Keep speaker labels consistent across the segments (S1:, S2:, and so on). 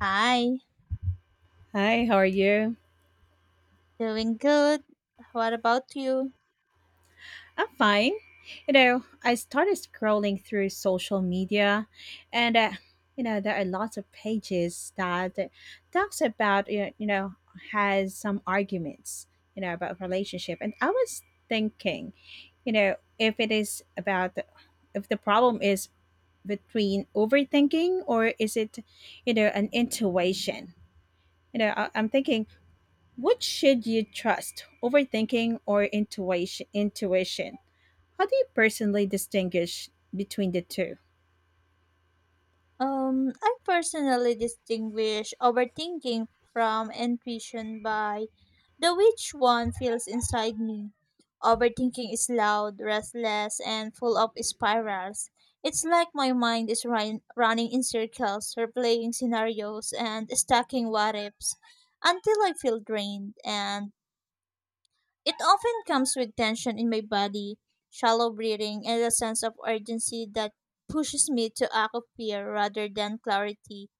S1: Hi,
S2: Hi, how are you?
S1: doing good. What about you?
S2: I'm fine. I started scrolling through social media, and there are lots of pages that talks about has some arguments about relationship, and I was thinking, if it is about if the problem is between overthinking or is it an intuition? I'm thinking, what should you trust, overthinking or intuition? How do you personally distinguish between the two?
S1: I personally distinguish overthinking from intuition by the which one feels inside me. Overthinking is loud, restless, and full of spirals. It's like my mind is running in circles, replaying scenarios, and stacking what ifs until I feel drained and it often comes with tension in my body, shallow breathing, and a sense of urgency that pushes me to act of fear rather than clarity,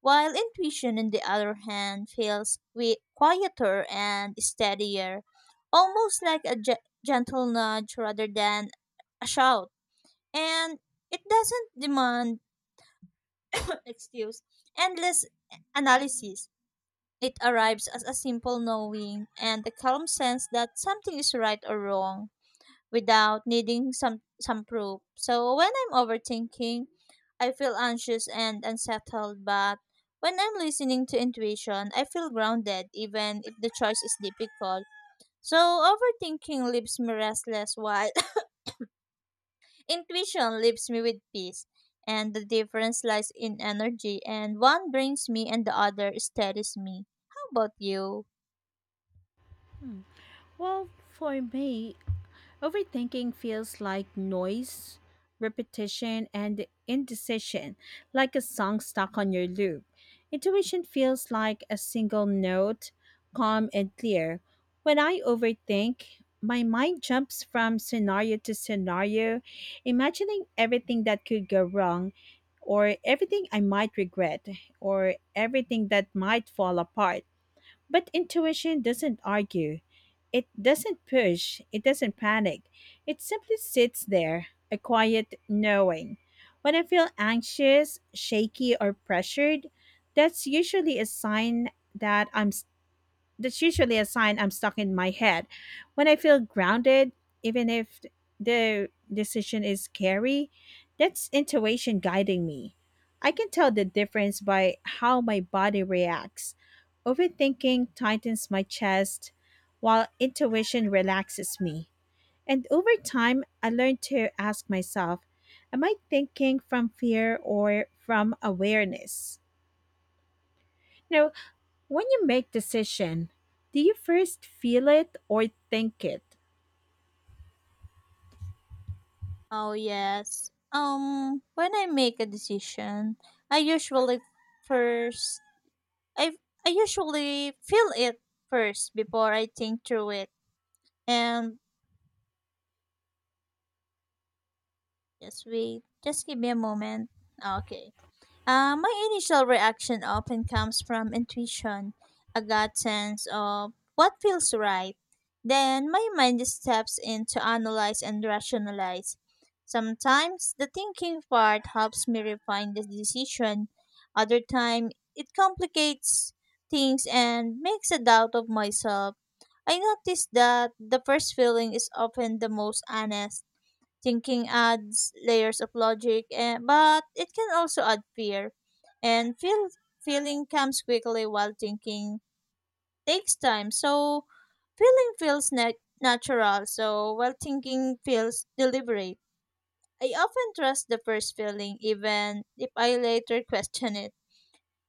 S1: while intuition, on the other hand, feels quieter and steadier, almost like a gentle nudge rather than a shout. And it doesn't demand, excuse, endless analysis. It arrives as a simple knowing and a calm sense that something is right or wrong without needing some proof. So when I'm overthinking, I feel anxious and unsettled, but when I'm listening to intuition, I feel grounded even if the choice is difficult. So overthinking leaves me restless while intuition leaves me with peace. And the difference lies in energy, and one brings me and the other steadies me. How about you?
S2: Well, for me, overthinking feels like noise, repetition, and indecision, like a song stuck on your loop. Intuition feels like a single note, calm and clear. When I overthink, my mind jumps from scenario to scenario, imagining everything that could go wrong, or everything I might regret, or everything that might fall apart. But intuition doesn't argue, it doesn't push, it doesn't panic. It simply sits there, a quiet knowing. When I feel anxious, shaky, or pressured, that's usually a sign that I'm that's usually a sign I'm stuck in my head. When I feel grounded, even if the decision is scary, that's intuition guiding me. I can tell the difference by how my body reacts. Overthinking tightens my chest, while intuition relaxes me. And over time, I learned to ask myself, am I thinking from fear or from awareness? You When you make decision, do you first feel it or think it?
S1: Oh yes. When I make a decision, I usually first I I usually feel it first before I think through it. And just wait, just give me a moment. Okay. My initial reaction often comes from intuition, a gut sense of what feels right. Then my mind steps in to analyze and rationalize. Sometimes the thinking part helps me refine the decision. Other time it complicates things and makes a doubt of myself. I noticed that the first feeling is often the most honest. Thinking adds layers of logic, but it can also add fear. And feel, feeling comes quickly while thinking takes time. So feeling feels natural, so while thinking feels deliberate. I often trust the first feeling even if I later question it.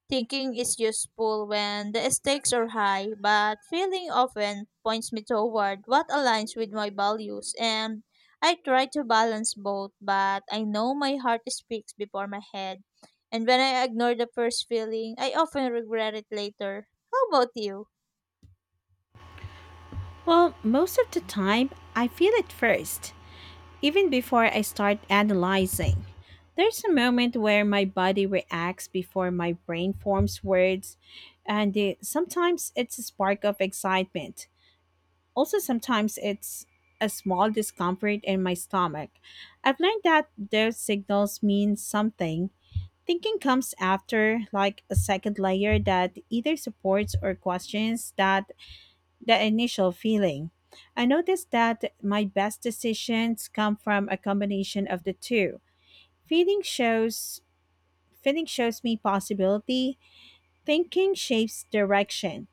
S1: Thinking is useful when the stakes are high, but feeling often points me toward what aligns with my values, and I try to balance both, but I know my heart speaks before my head. And when I ignore the first feeling, I often regret it later. How about you?
S2: Well, most of the time, I feel it first, even before I start analyzing. There's a moment where my body reacts before my brain forms words, and sometimes it's a spark of excitement. Also, sometimes it's a small discomfort in my stomach. I've learned that those signals mean something. Thinking comes after, like a second layer that either supports or questions that the initial feeling. I noticed that my best decisions come from a combination of the two. Feeling shows feeling shows me possibility, thinking shapes direction.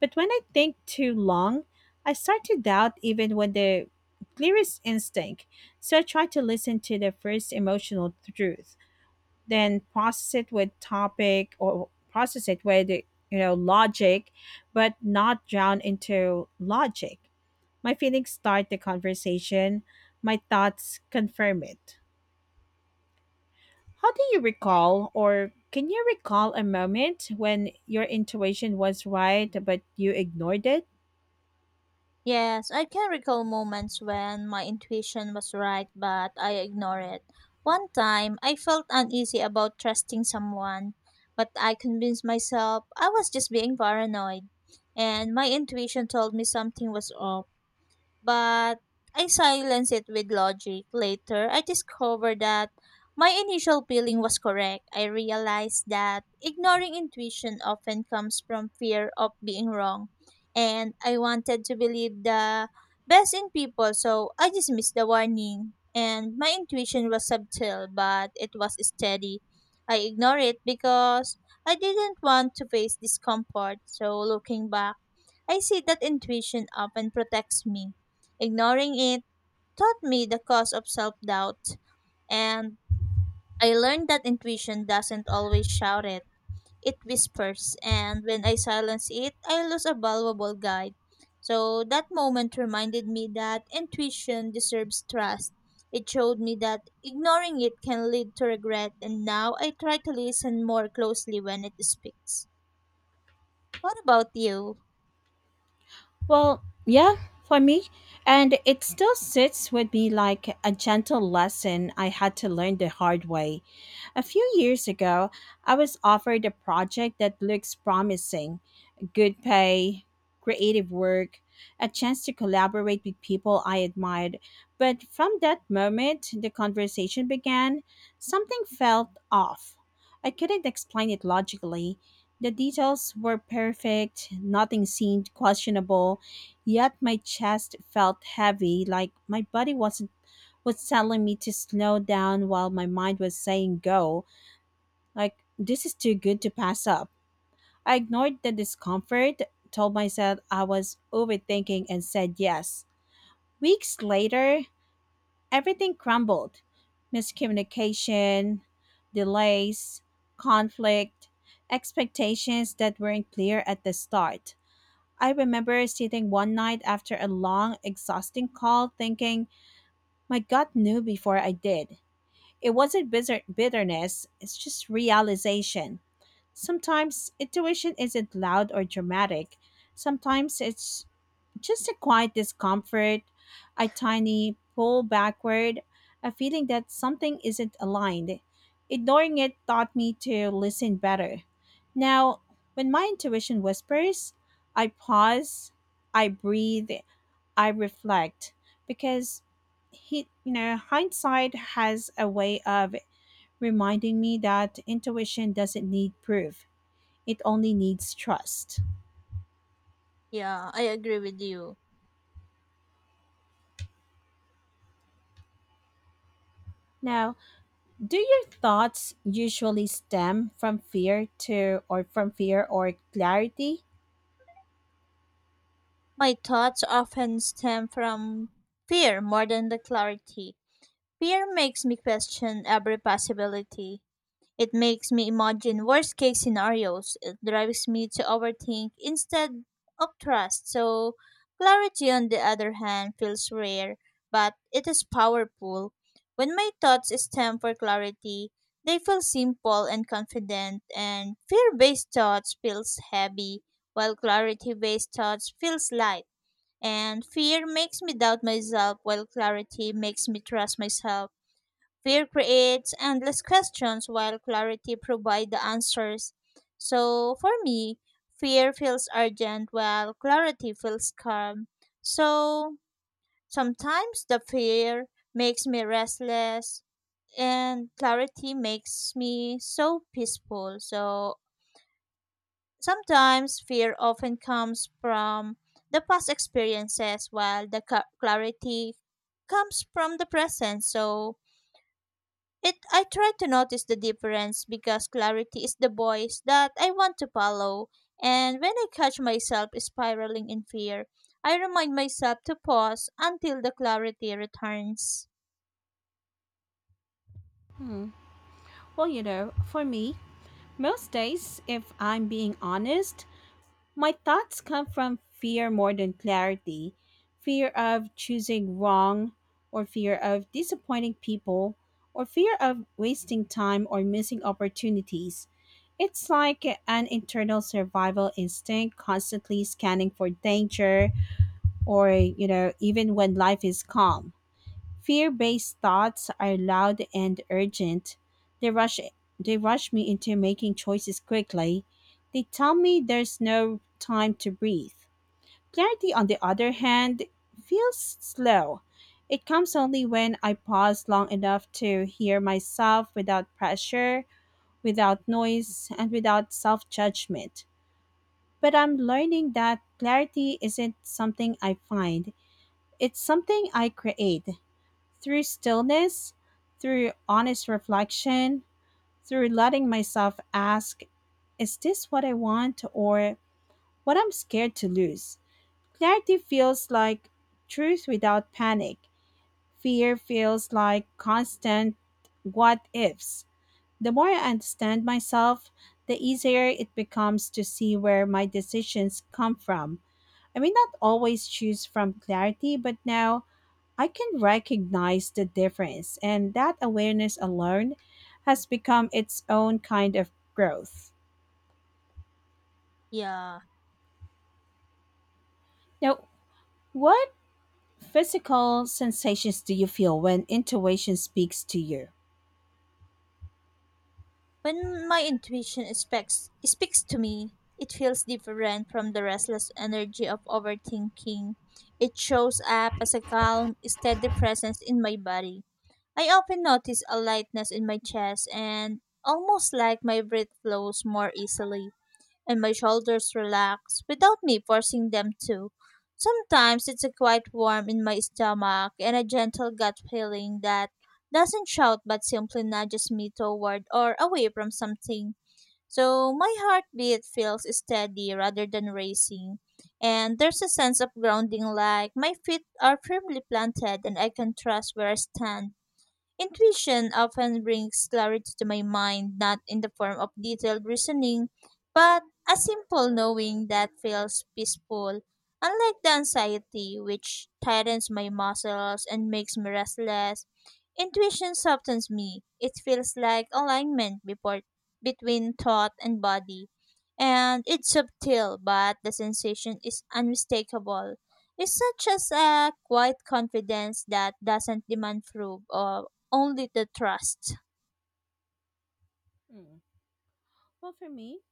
S2: But when I think too long, I start to doubt even when the clearest instinct. So I try to listen to the first emotional truth, then process it with topic or process it with logic, but not drown into logic. My feelings start the conversation, my thoughts confirm it. How do you recall, or can you recall a moment when your intuition was right but you ignored it?
S1: Yes, I can recall moments when my intuition was right, but I ignore it. One time, I felt uneasy about trusting someone, but I convinced myself I was just being paranoid, and my intuition told me something was off but I silenced it with logic. Later, I discovered that my initial feeling was correct. I realized that ignoring intuition often comes from fear of being wrong, and I wanted to believe the best in people, so I dismissed the warning. And my intuition was subtle, but it was steady. I ignored it because I didn't want to face discomfort. So, looking back, I see that intuition often protects me. Ignoring it taught me the cost of self doubt, and I learned that intuition doesn't always shout it, it whispers, and when I silence it, I lose a valuable guide. So that moment reminded me that intuition deserves trust. It showed me that ignoring it can lead to regret, and now I try to listen more closely when it speaks. What about you?
S2: Well, yeah, for me, and it still sits with me like a gentle lesson I had to learn the hard way. A few years ago, I was offered a project that looks promising: good pay, creative work, a chance to collaborate with people I admired. But from that moment the conversation began, something felt off. I couldn't explain it logically. The details were perfect, nothing seemed questionable, yet my chest felt heavy, like my body wasn't was telling me to slow down while my mind was saying go. Like, this is too good to pass up. I ignored the discomfort, told myself I was overthinking, and said yes. Weeks later, everything crumbled: miscommunication, delays, conflict, expectations that weren't clear at the start. I remember sitting one night after a long, exhausting call thinking, my gut knew before I did. It wasn't bitterness, it's just realization. Sometimes intuition isn't loud or dramatic. Sometimes it's just a quiet discomfort, a tiny pull backward, a feeling that something isn't aligned. Ignoring it taught me to listen better. Now, when my intuition whispers, I pause, I breathe, I reflect, because hindsight has a way of reminding me that intuition doesn't need proof, it only needs trust.
S1: Yeah, I agree with you.
S2: Now, do your thoughts usually stem from fear or clarity?
S1: My thoughts often stem from fear more than the clarity. Fear makes me question every possibility. It makes me imagine worst case scenarios. It drives me to overthink instead of trust. So, clarity, on the other hand, feels rare, but it is powerful. When my thoughts stem for clarity, they feel simple and confident, and fear based thoughts feels heavy, while clarity based thoughts feels light. And fear makes me doubt myself, while clarity makes me trust myself. Fear creates endless questions, while clarity provides the answers. So for me, fear feels urgent, while clarity feels calm. So sometimes the fear makes me restless, and clarity makes me so peaceful. So sometimes fear often comes from the past experiences, while the clarity comes from the present. So it I try to notice the difference because clarity is the voice that I want to follow. And when I catch myself spiraling in fear, I remind myself to pause until the clarity returns.
S2: Hmm. Well, for me, most days, if I'm being honest, my thoughts come from fear more than clarity: fear of choosing wrong, or fear of disappointing people, or fear of wasting time or missing opportunities. It's like an internal survival instinct constantly scanning for danger or, even when life is calm. Fear based thoughts are loud and urgent. They rush they rush me into making choices quickly. They tell me there's no time to breathe. Clarity, on the other hand, feels slow. It comes only when I pause long enough to hear myself without pressure, without noise, and without self judgment. But I'm learning that clarity isn't something I find, it's something I create. Through stillness, through honest reflection, through letting myself ask, is this what I want or what I'm scared to lose? Clarity feels like truth without panic. Fear feels like constant what ifs. The more I understand myself, the easier it becomes to see where my decisions come from. I may not always choose from clarity, but now I can recognize the difference, and that awareness alone has become its own kind of growth.
S1: Yeah.
S2: Now, what physical sensations do you feel when intuition speaks to you?
S1: When my intuition speaks to me, it feels different from the restless energy of overthinking. It shows up as a calm, steady presence in my body. I often notice a lightness in my chest and almost like my breath flows more easily and my shoulders relax without me forcing them to. Sometimes it's a quiet warmth in my stomach and a gentle gut feeling that doesn't shout but simply nudges me toward or away from something. So my heartbeat feels steady rather than racing, and there's a sense of grounding like my feet are firmly planted and I can trust where I stand. Intuition often brings clarity to my mind, not in the form of detailed reasoning, but a simple knowing that feels peaceful. Unlike the anxiety, which tightens my muscles and makes me restless, intuition softens me. It feels like alignment before, between thought and body. And it's subtle, but the sensation is unmistakable. It's such as a quiet confidence that doesn't demand proof of only the trust.
S2: Hmm, Well, for me,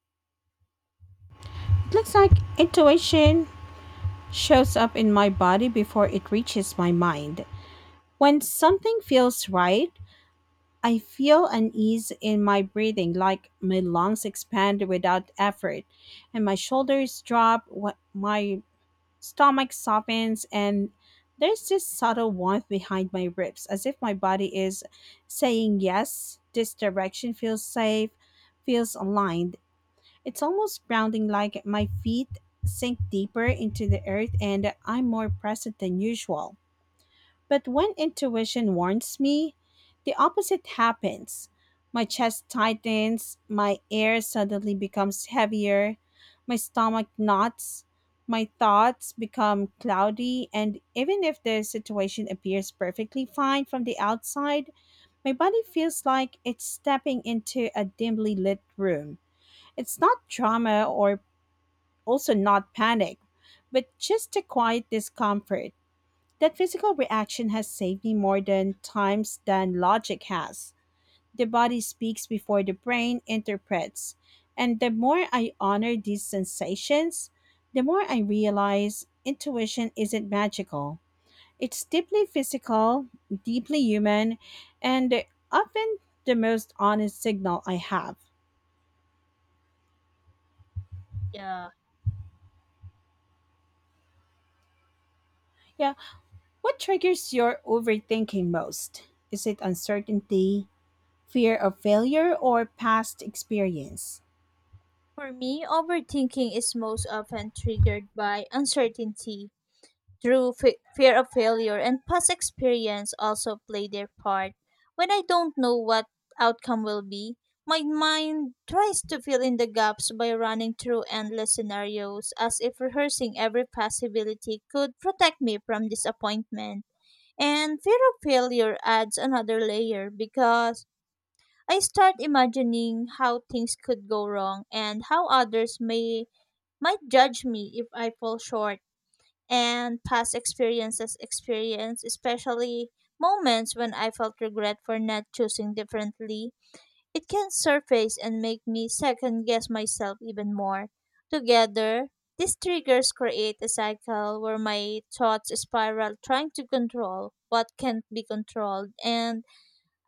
S2: it looks like intuition shows up in my body before it reaches my mind. When something feels right, I feel an ease in my breathing, like my lungs expand without effort, and my shoulders drop, my stomach softens, and there's this subtle warmth behind my ribs, as if my body is saying, yes, this direction feels safe, feels aligned. It's almost grounding, like my feet sink deeper into the earth, and I'm more present than usual. But when intuition warns me, the opposite happens. My chest tightens, my air suddenly becomes heavier, my stomach knots, my thoughts become cloudy, and even if the situation appears perfectly fine from the outside, my body feels like it's stepping into a dimly lit room. It's not drama or also not panic, but just a quiet discomfort. That physical reaction has saved me more than times than logic has. The body speaks before the brain interprets. And the more I honor these sensations, the more I realize intuition isn't magical. It's deeply physical, deeply human, and often the most honest signal I have.
S1: Yeah.
S2: Yeah, what triggers your overthinking most? Is it uncertainty, fear of failure, or past experience?
S1: For me, overthinking is most often triggered by uncertainty. Through fear of failure and past experience also play their part. When I don't know what outcome will be, my mind tries to fill in the gaps by running through endless scenarios as if rehearsing every possibility could protect me from disappointment. And fear of failure adds another layer because I start imagining how things could go wrong and how others may might judge me if I fall short. And past experiences experience, especially moments when I felt regret for not choosing differently, it can surface and make me second guess myself even more. Together, these triggers create a cycle where my thoughts spiral trying to control what can't be controlled and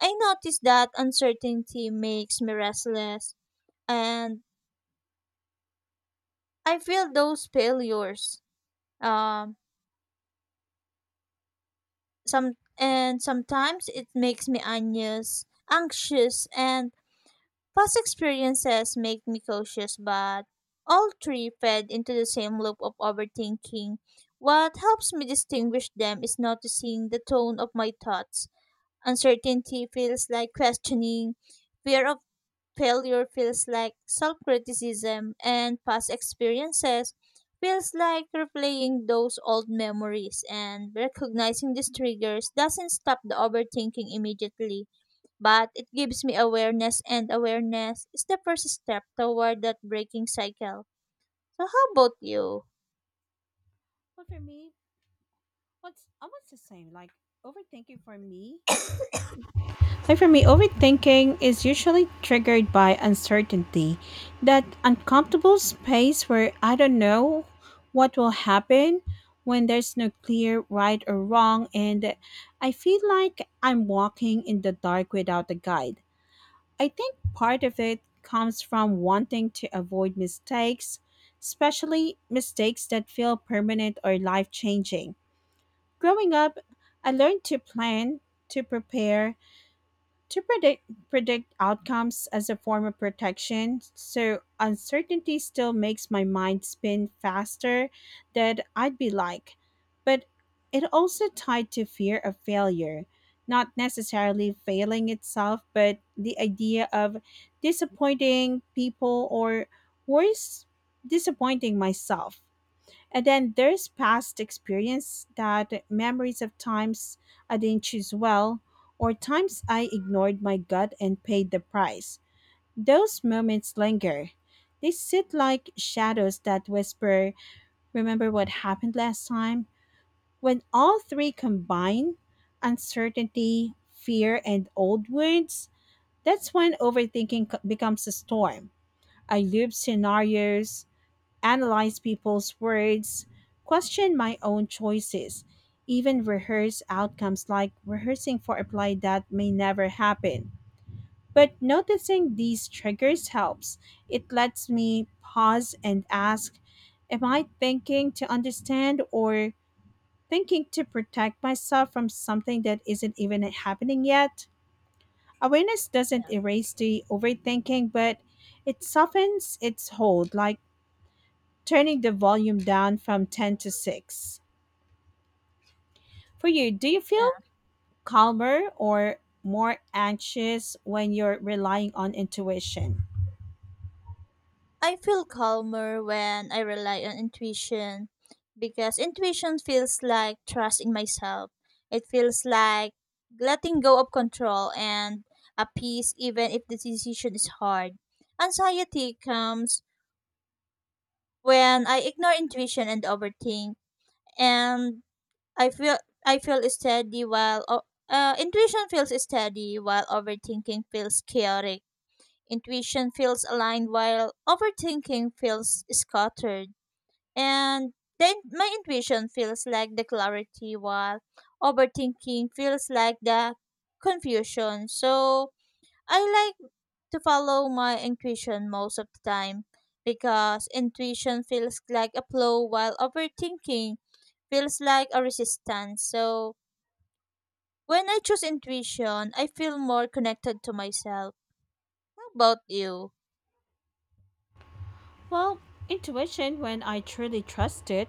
S1: I notice that uncertainty makes me restless, and I feel those failures. Um, some and sometimes it makes me anxious, and past experiences make me cautious. But all three fed into the same loop of overthinking. What helps me distinguish them is noticing the tone of my thoughts. Uncertainty feels like questioning. Fear of failure feels like self-criticism and past experiences feels like replaying those old memories and recognizing these triggers doesn't stop the overthinking immediately but it gives me awareness and awareness is the first step toward that breaking cycle. So how about you?
S2: Well, for me, what's almost the same. Like overthinking for me. Like for me, overthinking is usually triggered by uncertainty, that uncomfortable space where I don't know what will happen, when there's no clear right or wrong, and I feel like I'm walking in the dark without a guide. I think part of it comes from wanting to avoid mistakes, especially mistakes that feel permanent or life changing. Growing up, I learned to plan, to prepare, to predict outcomes as a form of protection. So uncertainty still makes my mind spin faster than I'd be like. But it also tied to fear of failure, not necessarily failing itself, but the idea of disappointing people or, worse, disappointing myself. And then there's past experience, that memories of times I didn't choose well, or times I ignored my gut and paid the price. Those moments linger. They sit like shadows that whisper, remember what happened last time? When all three combine, uncertainty, fear, and old wounds, that's when overthinking becomes a storm. I loop scenarios, analyze people's words, question my own choices, even rehearse outcomes like rehearsing for a play that may never happen. But noticing these triggers helps. It lets me pause and ask, am I thinking to understand, or thinking to protect myself from something that isn't even happening yet? Awareness doesn't
S1: Yeah,
S2: erase the overthinking, but it softens its hold. Like, turning the volume down from 10 to 6. For you, do you feel calmer or more anxious when you're relying on intuition?
S1: I feel calmer when I rely on intuition because intuition feels like trusting myself. It feels like letting go of control and a peace even if the decision is hard. Anxiety comes when I ignore intuition and overthink and I feel I feel steady while intuition feels steady while overthinking feels chaotic. Intuition feels aligned while overthinking feels scattered and then my intuition feels like the clarity, while overthinking feels like the confusion. So I like to follow my intuition most of the time because intuition feels like a flow, while overthinking feels like a resistance. So when I choose intuition, I feel more connected to myself. How about you?
S2: Well, intuition, when I truly trust it,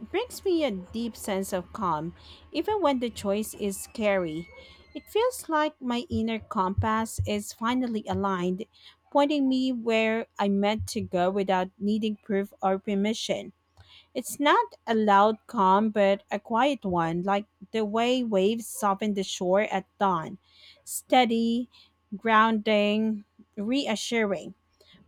S2: brings me a deep sense of calm, even when the choice is scary. It feels like my inner compass is finally aligned, pointing me where I'm meant to go without needing proof or permission. It's not a loud calm, but a quiet one, like the way waves soften the shore at dawn. Steady, grounding, reassuring.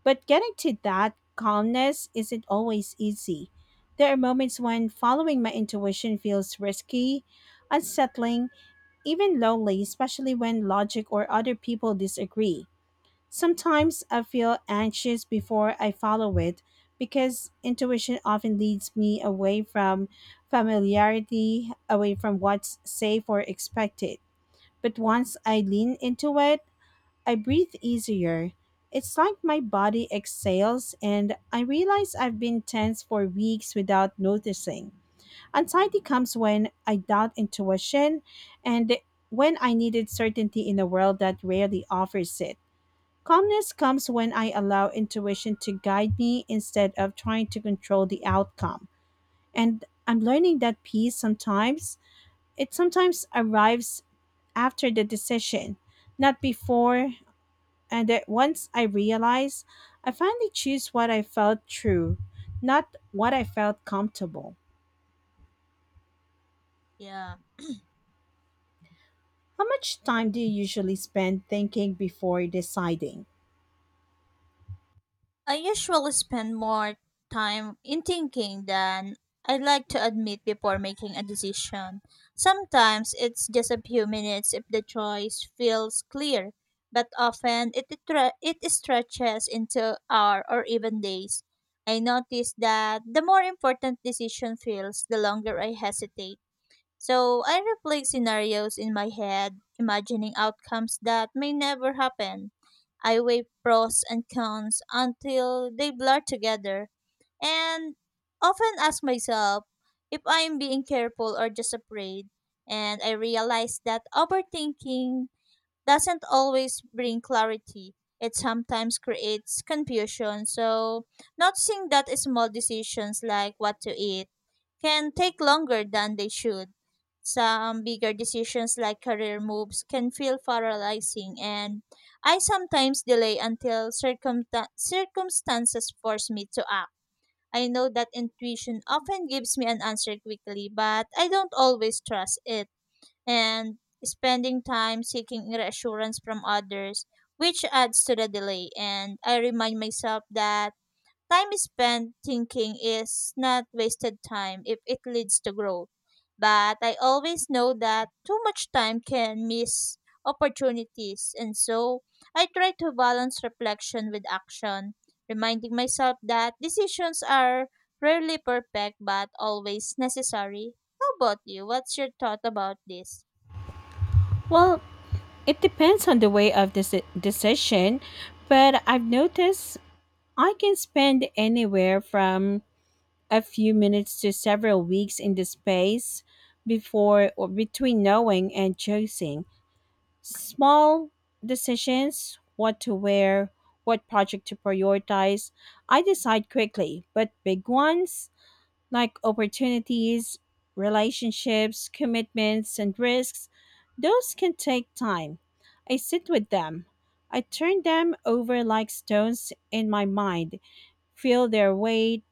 S2: But getting to that calmness isn't always easy. There are moments when following my intuition feels risky, unsettling, even lonely, especially when logic or other people disagree. Sometimes I feel anxious before I follow it because intuition often leads me away from familiarity, away from what's safe or expected. But once I lean into it, I breathe easier. It's like my body exhales, and I realize I've been tense for weeks without noticing. Anxiety comes when I doubt intuition and when I needed certainty in a world that rarely offers it. Calmness comes when I allow intuition to guide me instead of trying to control the outcome. And I'm learning that peace sometimes, it sometimes arrives after the decision, not before. And that once I realize, I finally choose what I felt true, not what I felt comfortable.
S1: Yeah.
S2: How much time do you usually spend thinking before deciding?
S1: I usually spend more time in thinking than I'd like to admit before making a decision. Sometimes it's just a few minutes if the choice feels clear, but often it, it stretches into hour or even days. I notice that the more important decision feels, the longer I hesitate. So I replay scenarios in my head, imagining outcomes that may never happen. I weigh pros and cons until they blur together, and often ask myself if I'm being careful or just afraid. And I realize that overthinking doesn't always bring clarity. It sometimes creates confusion. So, noticing that small decisions like what to eat can take longer than they should. Some bigger decisions like career moves can feel paralyzing, and I sometimes delay until circumstances force me to act. I know that intuition often gives me an answer quickly, but I don't always trust it and spending time seeking reassurance from others, which adds to the delay. And I remind myself that time spent thinking is not wasted time if it leads to growth. But I always know that too much time can miss opportunities, and so I try to balance reflection with action, reminding myself that decisions are rarely perfect but always necessary. How about you? What's your thought about this?
S2: Well, it depends on the way of this decision, but I've noticed I can spend anywhere from a few minutes to several weeks in the space before or between knowing and choosing. Small decisions, what to wear, what project to prioritize, I decide quickly, but big ones like opportunities, relationships, commitments, and risks, those can take time. I sit with them. I turn them over like stones in my mind, feel their weight,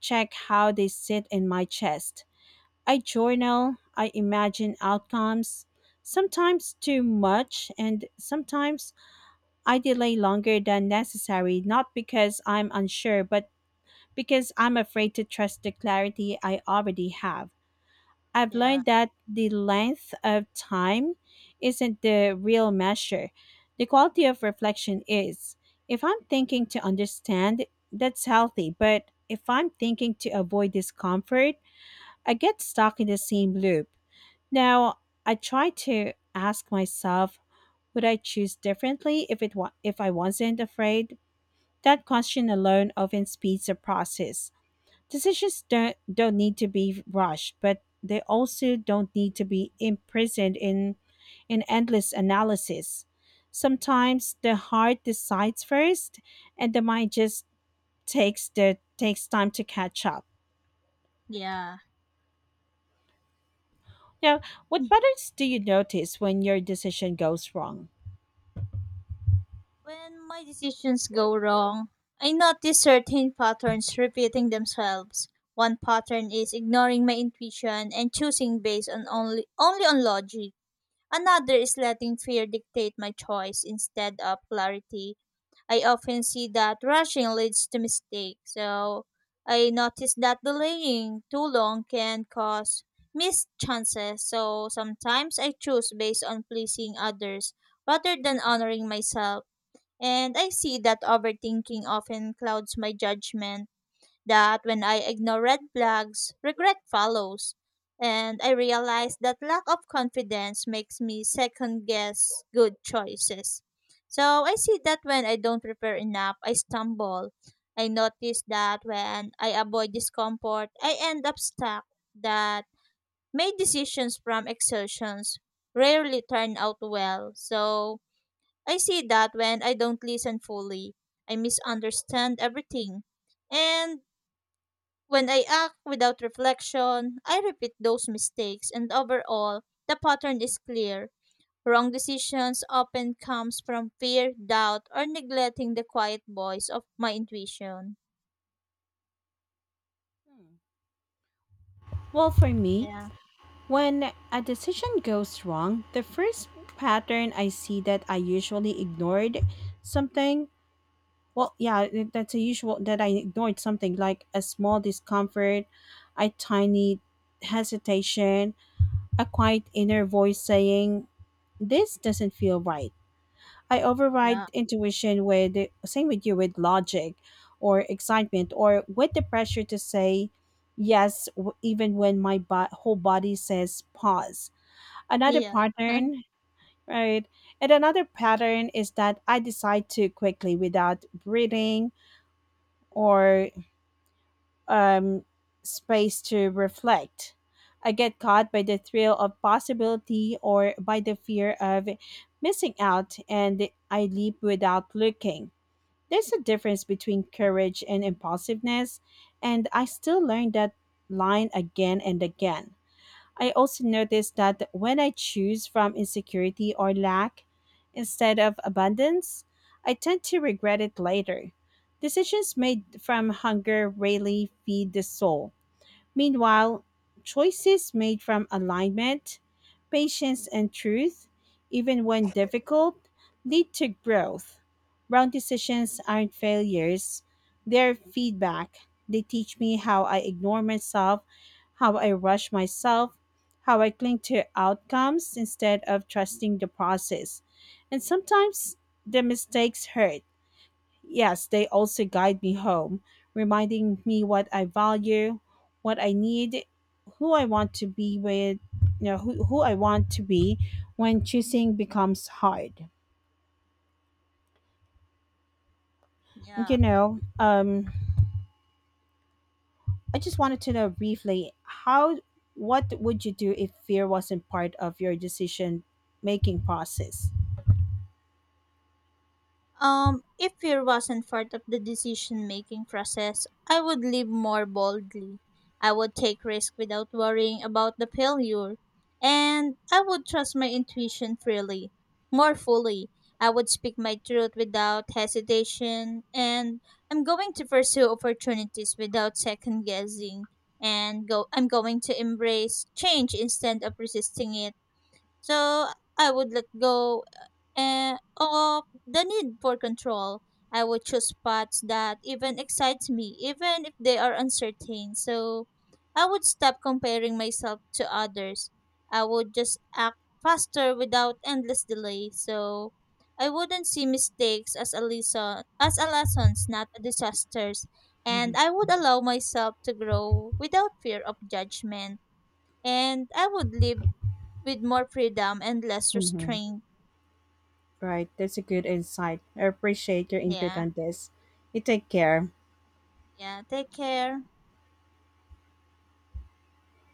S2: check how they sit in my chest. I journal, I imagine outcomes, sometimes too much, and sometimes I delay longer than necessary, not because I'm unsure, but because I'm afraid to trust the clarity I already have. I've
S1: Yeah,
S2: learned that the length of time isn't the real measure. The quality of reflection is. If I'm thinking to understand, that's healthy, but if I'm thinking to avoid discomfort, I get stuck in the same loop. Now, I try to ask myself, would I choose differently if it wa- if I wasn't afraid? That question alone often speeds the process. Decisions don't need to be rushed, but they also don't need to be imprisoned in endless analysis. Sometimes the heart decides first, and the mind just takes time to catch up.
S1: yeah.
S2: Now, what patterns do you notice when your decision goes wrong?
S1: When my decisions go wrong, I notice certain patterns repeating themselves. One pattern is ignoring my intuition and choosing based on only on logic. Another is letting fear dictate my choice instead of clarity. I often see that rushing leads to mistakes. So I noticed that delaying too long can cause missed chances. So sometimes I choose based on pleasing others rather than honoring myself. And I see that overthinking often clouds my judgment that when I ignore red flags, regret follows. And I realize that lack of confidence makes me second guess good choices. So I see that when I don't prepare enough, I stumble. I notice that when I avoid discomfort, I end up stuck. That made decisions from exertions rarely turn out well. So I see that when I don't listen fully, I misunderstand everything. And when I act without reflection, I repeat those mistakes and overall, the pattern is clear. Wrong decisions often comes from fear, doubt, or neglecting the quiet voice of my intuition.
S2: Well, for me,
S1: Yeah,
S2: when a decision goes wrong, the first pattern I see that I usually ignored something. Well, yeah, that's a usual that I ignored something like a small discomfort, a tiny hesitation, a quiet inner voice saying, this doesn't feel right. I override
S1: yeah,
S2: intuition with, same with you, with logic or excitement or with the pressure to say yes, even when my whole body says pause. Another
S1: yeah,
S2: pattern, right? And another pattern is that I decide too quickly without breathing or um, space to reflect. I get caught by the thrill of possibility or by the fear of missing out, and I leap without looking. There's a difference between courage and impulsiveness, and I still learn that line again and again. I also noticed that when I choose from insecurity or lack instead of abundance, I tend to regret it later. Decisions made from hunger rarely feed the soul. Meanwhile, choices made from alignment, patience, and truth, even when difficult, lead to growth. Wrong decisions aren't failures, they're feedback. They teach me how I ignore myself, how I rush myself, how I cling to outcomes instead of trusting the process. And sometimes the mistakes hurt, yes, they also guide me home, reminding me what I value, what I need, who I want to be with, who I want to be when choosing becomes hard. And
S1: yeah.
S2: I just wanted to know briefly how what would you do if fear wasn't part of your decision making process?
S1: If fear wasn't part of the decision making process, I would live more boldly. I would take risks without worrying about the failure. And I would trust my intuition freely, more fully. I would speak my truth without hesitation. And I'm going to pursue opportunities without second guessing. And go, I'm going to embrace change instead of resisting it. So I would let go and of the need for control. I would choose paths that even excites me, even if they are uncertain. So I would stop comparing myself to others. I would just act faster without endless delay. So I wouldn't see mistakes as a lesson as a lessons, not a disasters.
S2: Mm-hmm.
S1: And I would allow myself to grow without fear of judgment. And I would live with more freedom and less
S2: Mm-hmm.
S1: restraint.
S2: Right, that's a good insight. I appreciate your input
S1: Yeah.
S2: on this. You take care.
S1: Yeah, take care.